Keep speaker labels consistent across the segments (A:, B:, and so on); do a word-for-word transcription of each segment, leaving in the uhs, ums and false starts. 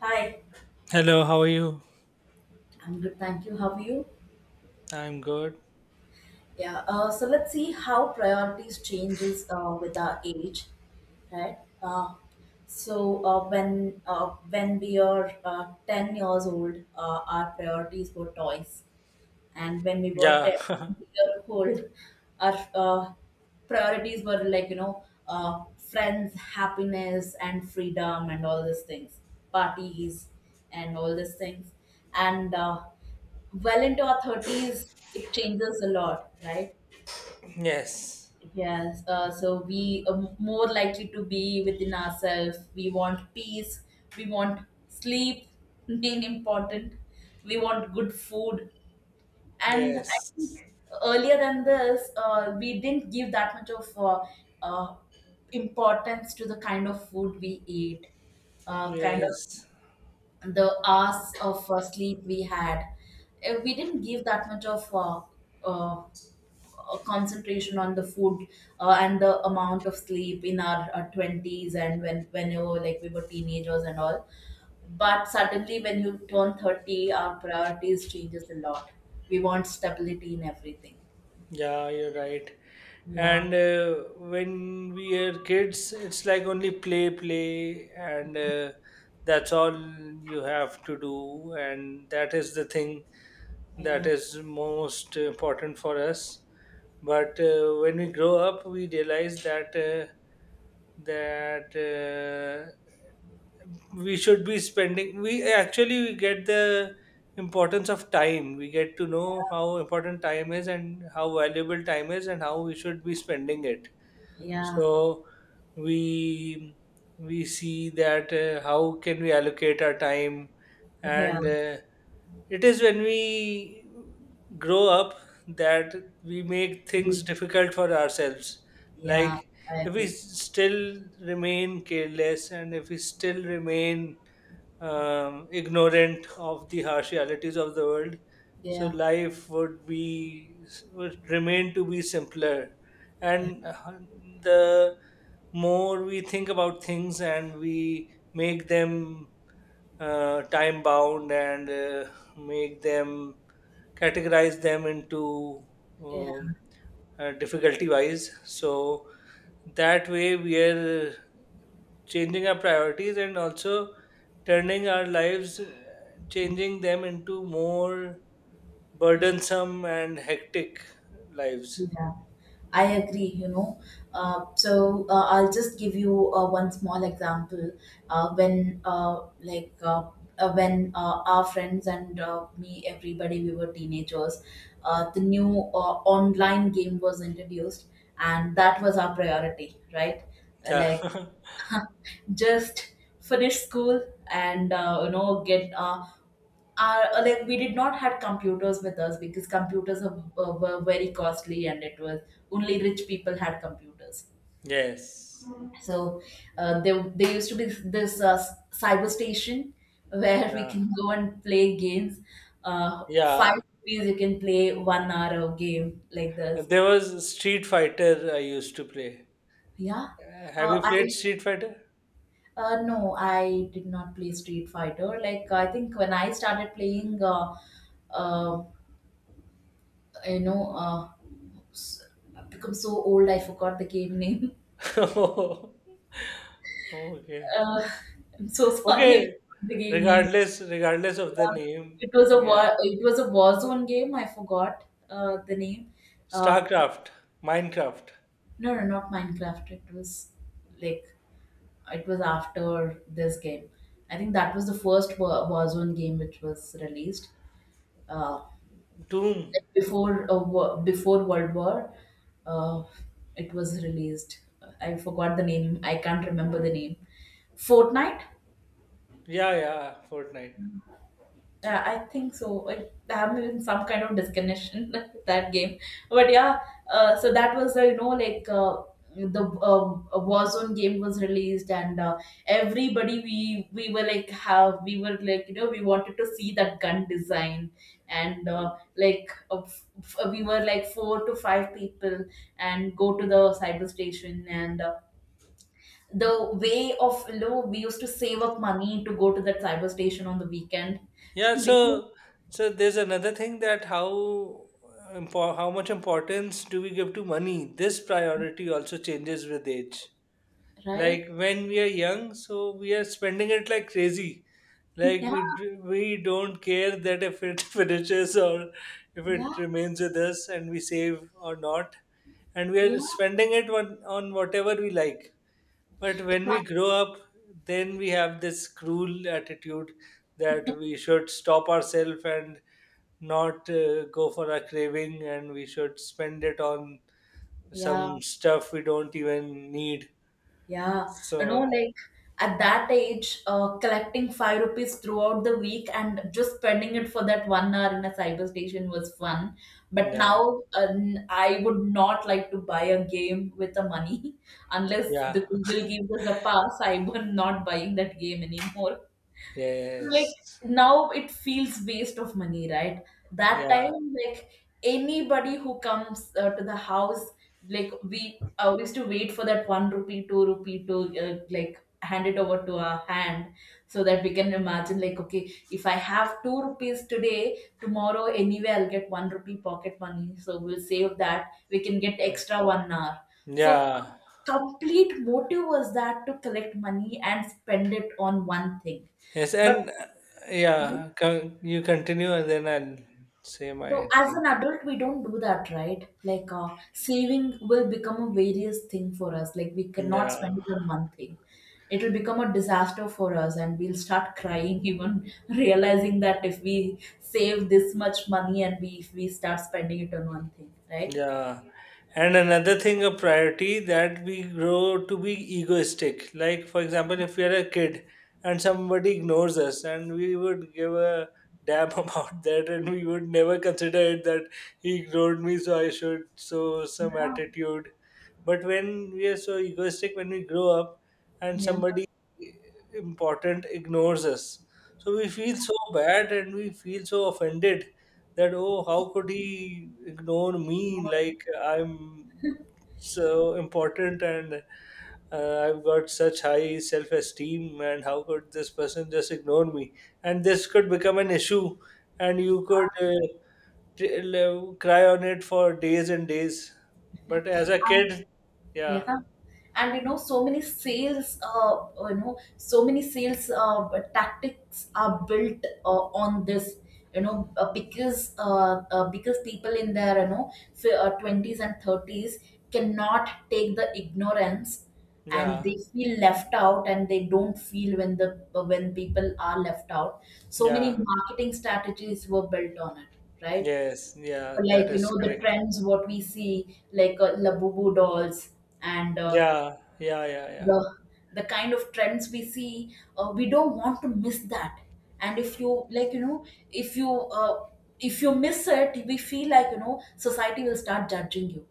A: Hi,
B: Hello, how are you?
A: I'm good, thank you. How are you?
B: I'm good.
A: Yeah, uh, so let's see how priorities changes uh, with our age, right? Uh, so uh, when uh, when we are uh, ten years old, uh, our priorities were toys. And when we were
B: Yeah.
A: 10 year old, our uh, priorities were like you know uh, friends, happiness and freedom and all these things, parties and all these things. And uh, Well into our thirties, it changes a lot, right?
B: Yes.
A: Yes. Uh, so we are more likely to be within ourselves. We want peace, we want sleep, being important, we want good food. And I think
B: Yes.
A: earlier than this, uh, we didn't give that much of uh, uh, importance to the kind of food we eat, uh, kind of
B: Yes.
A: the hours of uh, sleep we had. Uh, We didn't give that much of uh, uh, uh, concentration on the food uh, and the amount of sleep in our uh, twenties and when whenever like we were teenagers and all. But suddenly when you turn thirty, our priorities changes a lot. We want stability in everything.
B: Yeah, you're right.
A: Yeah,
B: And uh, when we are kids, it's like only play, play, and uh, that's all you have to do. And that is the thing that
A: yeah,
B: is most important for us. But uh, when we grow up, we realize that uh, that uh, we should be spending we Actually we get the importance of time. We get to know how important time is and how valuable time is and how we should be spending it.
A: yeah,
B: So we we see that uh, how can we allocate our time,
A: yeah,
B: and uh, it is when we grow up that we make things
A: we,
B: difficult for ourselves. Like
A: yeah, I
B: if we
A: agree.
B: still remain careless and if we still remain um, ignorant of the harsh realities of the world. So
A: Yeah,
B: life would be would remain to be simpler,
A: yeah,
B: and uh, the more we think about things and we make them uh, time bound, and uh, make them categorize them into
A: yeah.
B: um, uh, difficulty wise. So that way we are changing our priorities and also turning our lives, changing them into more burdensome and hectic lives.
A: Yeah, I agree, you know. Uh, so uh, I'll just give you uh, one small example. Uh, when uh, like uh, uh, when uh, Our friends and uh, me, everybody, we were teenagers, uh, the new uh, online game was introduced, and that was our priority, right? Uh,
B: Yeah.
A: Like just finish school and uh, you know get uh, our, uh, like we did not had computers with us because computers are, uh, were very costly, and it was only rich people had computers.
B: Yes.
A: So uh, there, there used to be this uh, s- cyber station where we
B: Yeah.
A: can go and play games. uh, five
B: Yeah.
A: rupees you can play one hour of game like this.
B: And there was Street Fighter I used to play.
A: Yeah.
B: Uh, Have
A: uh,
B: you
A: I
B: played Street Fighter?
A: Uh, no, I did not play Street Fighter. Like I think when I started playing, uh, uh, you know, uh, s- I've become so old I forgot the game name.
B: Oh, okay.
A: Uh, I'm so sorry I
B: Okay.
A: forgot the game name.
B: Regardless, regardless of the
A: Yeah,
B: name,
A: it was a
B: yeah.
A: war. It was a Warzone game. I forgot uh, the name. Uh,
B: StarCraft, Minecraft,
A: no, no, not Minecraft. It was like it was after this game. I think that was the first Wa- Warzone game which was released. Uh,
B: Doom.
A: Like before uh, wo- before World War, uh, it was released. I forgot the name. I can't remember the name. Fortnite.
B: Yeah, yeah. Fortnite.
A: Yeah, I think so. I, I'm in some kind of disconnection with that game, but yeah. Uh, so that was uh, you know like uh, the um, Warzone game was released, and uh, everybody we we were like have we were like you know we wanted to see that gun design, and uh, like uh, f- f- uh, we were like four to five people, and go to the cyber station and. Uh, the way of you know We used to save up money to go to that cyber station on the weekend
B: Yeah,
A: because
B: so so there's another thing. That how impo- how much importance do we give to money? This priority also changes with age.
A: right?
B: Like when we are young, so we are spending it like crazy. Like
A: Yeah,
B: we d- we don't care that if it finishes or if
A: yeah,
B: it remains with us and we save or not, and we are
A: yeah,
B: spending it on on whatever we like. But when we
A: exactly,
B: grow up, then we have this cruel attitude that we should stop ourselves and not uh, go for a craving, and we should spend it on
A: yeah,
B: some stuff we don't even need.
A: yeah. You know,
B: So,
A: like at that age, uh, collecting five rupees throughout the week and just spending it for that one hour in a cyber station was fun. But
B: yeah,
A: now, uh, n- I would not like to buy a game with the money unless
B: yeah,
A: the Google gives us a pass. I am not buying that game anymore. Like
B: yes,
A: now it feels waste of money, right? That
B: yeah,
A: time, like anybody who comes uh, to the house, like we uh, used to wait for that one rupee two rupee to uh, like hand it over to our hand so that we can imagine like, okay, if I have two rupees today, tomorrow anyway I'll get one rupee pocket money, so we'll save that, we can get
B: yeah,
A: extra one hour. So our
B: yeah.
A: complete motive was that to collect money and spend it on one thing.
B: Yes,
A: But
B: and uh,
A: yeah.
B: yeah, con- you continue and then I'll say
A: So
B: my
A: as
B: thing.
A: an adult, we don't do that, right? Like uh, saving will become a various thing for us. Like we cannot spend
B: Yeah.
A: it on one thing. It will become a disaster for us, and we'll start crying even realizing that if we save this much money, and we if we start spending it on one thing, right?
B: Yeah. And another thing, a priority that we grow to be egoistic. Like, for example, if we are a kid and somebody ignores us, and we would give a damn about that, and we would never consider it that he ignored me, so I should show some
A: Yeah.
B: attitude. But when we are so egoistic, when we grow up and
A: Yeah.
B: somebody important ignores us, so we feel so bad and we feel so offended that, oh, how could he ignore me?
A: More.
B: Like, I'm so important, and uh, I've got such high self-esteem. And how could this person just ignore me? And this could become an issue and
A: Yeah.
B: you could uh, t- l- cry on it for days and days. But as a kid, yeah,
A: Yeah. And you know so many sales, uh, you know, so many sales uh, tactics are built uh, on this, you know, uh, because uh, uh, because people in their you know fi- uh, twenties and thirties cannot take the ignorance, and
B: yeah,
A: they feel left out, and they don't feel when the uh, when people are left out. So many
B: yeah,
A: marketing strategies were built on it, right?
B: yes, yeah,
A: Like
B: that
A: you
B: is
A: know the
B: correct.
A: trends what we see, like uh, labubu dolls and uh,
B: Yeah, yeah, yeah, yeah.
A: the the kind of trends we see, uh, we don't want to miss that. And if you like you know if you uh, if you miss it, we feel like, you know, society will start judging you.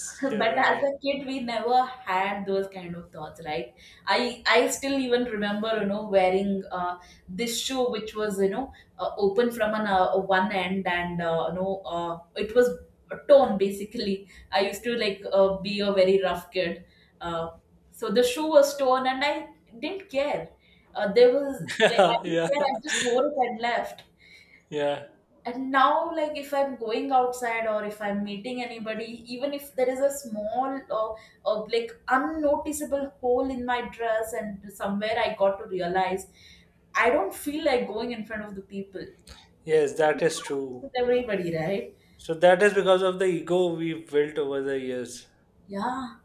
B: you're
A: But as
B: right.
A: a kid we never had those kind of thoughts, right? I i still even remember, you know, wearing uh, this shoe which was, you know, uh, open from an uh, one end, and uh, you know uh, it was torn basically. I used to like uh, be a very rough kid. Uh, so the shoe was torn and I didn't care. Uh, there was Like I
B: Yeah,
A: didn't
B: yeah,
A: care, I just wore it and left.
B: yeah.
A: And now like if I'm going outside or if I'm meeting anybody, even if there is a small or, or like unnoticeable hole in my dress, and somewhere I got to realize, I don't feel like going in front of the people
B: Yes, that is true.
A: with everybody, right?
B: So that is because of the ego we've built over the years.
A: Yeah.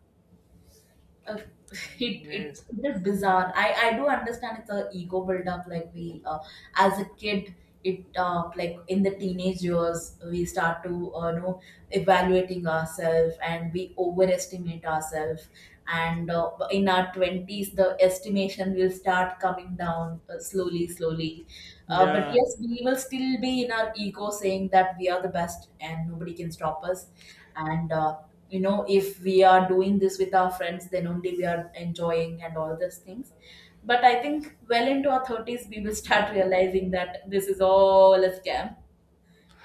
A: uh, it it
B: Yes.
A: it is bizarre. I I do understand it's a ego build up. Like we uh, as a kid, it uh, like in the teenage years we start to uh, you know evaluating ourselves and we overestimate ourselves. And uh, in our twenties, the estimation will start coming down uh, slowly, slowly. Uh, but
B: Yeah.
A: yes, we will still be in our ego saying that we are the best and nobody can stop us. And uh, You know if we are doing this with our friends, then only we are enjoying, and all these things. But I think well into our thirties we will start realizing that this is all a scam,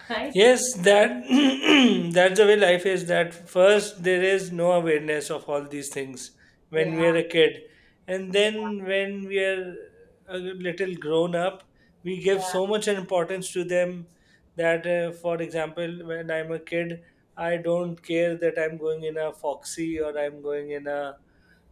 A: right?
B: Yes, that that's the way life is. That first there is no awareness of all these things when we
A: Yeah,
B: are a kid, and then when we are a little grown up, we give
A: yeah,
B: so much importance to them that, uh, for example, when I'm a kid, I don't care that I'm going in a foxy or I'm going in a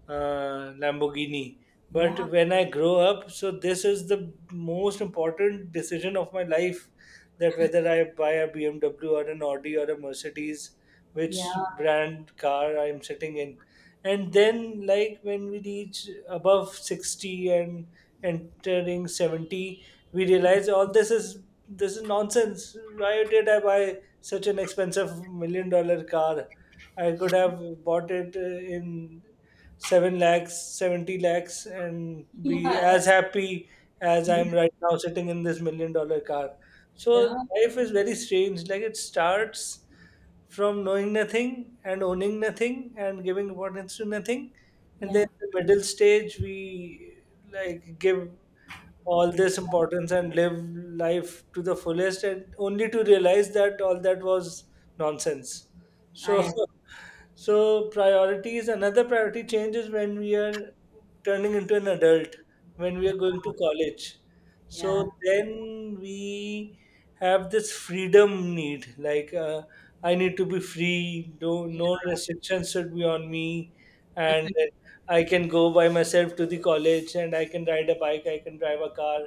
B: uh, Lamborghini.
A: yeah,
B: But when I grow up, so this is the most important decision of my life, that whether I buy a B M W or an Audi or a Mercedes, which
A: yeah,
B: brand car I'm sitting in. And then, like when we reach above sixty and entering seventy, we realize all this is this is nonsense. Why did I buy such an expensive million dollar car? I could
A: yeah.
B: have bought it uh, in seven lakhs, seventy lakhs, and
A: Yeah,
B: be as happy as
A: yeah,
B: I'm right now sitting in this million dollar car.
A: yeah,
B: So life is very strange. Like it starts from knowing nothing and owning nothing and giving importance to nothing. And
A: yeah,
B: then the middle stage, we like give all this importance and live life to the fullest, and only to realize that all that was nonsense.
A: I
B: So
A: am,
B: so priorities, another priority changes when we are turning into an adult, when we
A: yeah,
B: are going to college.
A: yeah,
B: So then we have this freedom need, like, uh, I need to be free. No, no restrictions should be on me, and I can go by myself to the college, and I can ride a bike, I can drive a car.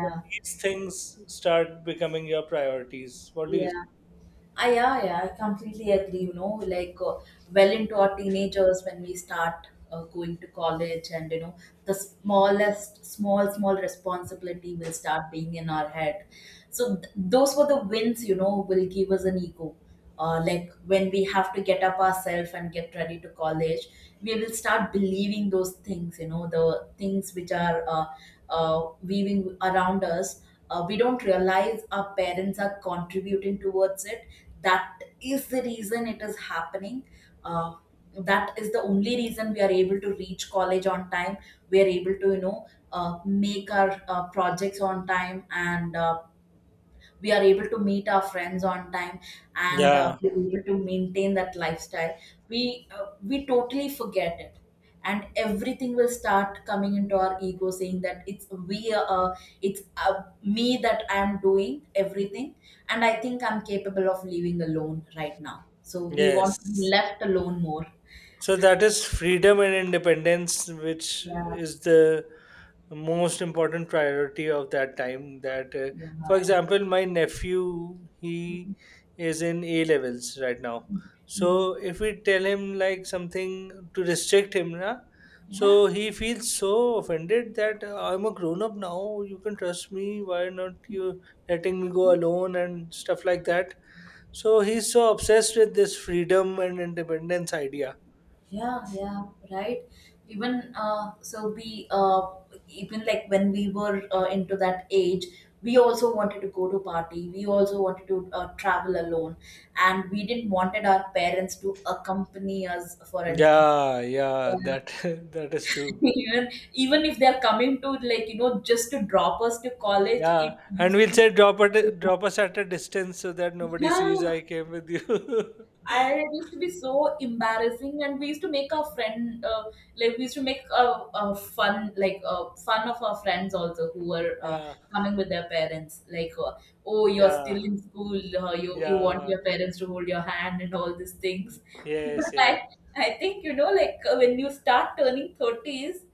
B: So these things start becoming your priorities. What do you
A: yeah.
B: say?
A: I, yeah, yeah, I completely agree. You know, like uh, well into our teenagers when we start uh, going to college, and you know, the smallest, small, small responsibility will start being in our head. So th- those were the wins, you know, will give us an ego. Uh, like when we have to get up ourselves and get ready to college, we will start believing those things, you know, the things which are uh, uh, weaving around us. Uh, we don't realize our parents are contributing towards it, that is the reason it is happening. uh, that is the only reason we are able to reach college on time, we are able to you know uh, make our uh, projects on time, and uh, we are able to meet our friends on time, and uh,
B: Yeah.
A: we're able to maintain that lifestyle. We uh, we totally forget it, and everything will start coming into our ego saying that it's we uh, uh, it's uh, me that I am doing everything, and I think I'm capable of living alone right now, so we want to be
B: Yes.
A: left alone more.
B: So that is freedom and independence, which
A: Yeah,
B: is the most important priority of that time. That, uh,
A: yeah,
B: for
A: yeah.
B: example, my nephew, he
A: Mhm.
B: is in A levels right now. So
A: Mhm.
B: if we tell him like something to restrict him, na,
A: Yeah.
B: so he feels so offended that, uh, I'm a grown up now. You can trust me. Why not you letting me go alone and stuff like that? So he's so obsessed with this freedom and independence idea.
A: Yeah, yeah, right. Even uh, so, we uh, even like when we were uh, into that age, we also wanted to go to party. We also wanted to uh, travel alone, and we didn't wanted our parents to accompany us for anything.
B: Yeah, yeah, that
A: Yeah.
B: that is true.
A: even even if they're coming to like you know just to drop us to college,
B: Yeah,
A: it
B: and
A: used to
B: we'll
A: be.
B: say drop it, drop us at a distance so that nobody
A: Yeah,
B: sees I came with you.
A: I it used to be so embarrassing, and we used to make our friend uh, like we used to make a, a fun like uh, fun of our friends also who were uh,
B: Yeah,
A: coming with their parents. Like, uh, oh, you're
B: yeah,
A: still in school. Uh, you you want
B: yeah.
A: your parents to hold your hand and all these things.
B: Yes,
A: But I
B: yes,
A: I think you know like uh, when you start turning thirties,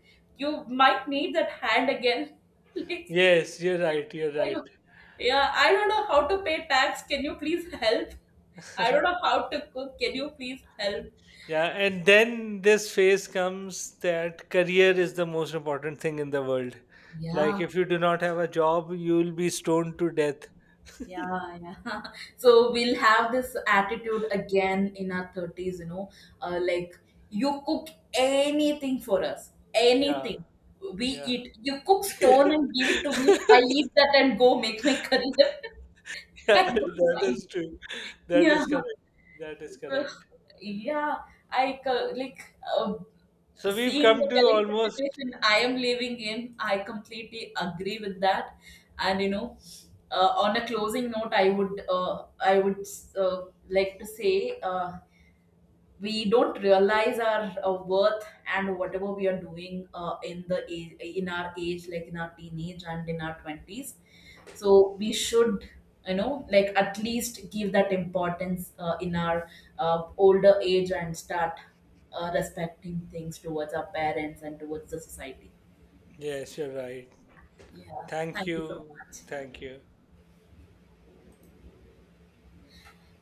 A: you might need that hand again. Like,
B: yes. You're right. You're
A: I
B: right.
A: don't, yeah, I don't know how to pay tax. Can you please help? I don't know how to cook. Can you please help?
B: Yeah, and then this phase comes that career is the most important thing in the world.
A: Yeah,
B: Like if you do not have a job, you'll be stoned to death.
A: yeah, yeah. So we'll have this attitude again in our thirties, you know, uh, like you cook anything for us,
B: Yeah,
A: anything. We
B: yeah.
A: eat. You cook stone and give it to me. I eat that and go make my career.
B: Yeah,
A: I don't
B: that
A: mind.
B: is true. That
A: Yeah.
B: is correct. That is
A: Well,
B: correct.
A: yeah, I co- like uh,
B: So we've
A: seeing
B: come
A: the
B: to
A: current
B: almost.
A: situation I am living in. I completely agree with that, and you know, uh, on a closing note, I would uh, I would uh, like to say. Uh, we don't realize our uh, worth and whatever we are doing uh, in the age, in our age, like in our teenage and in our twenties, so we should, you know, like at least give that importance uh, in our uh, older age, and start uh, respecting things towards our parents and towards the society.
B: Yes, you're right.
A: Yeah,
B: Thank
A: thank you so
B: you.
A: much.
B: Thank you.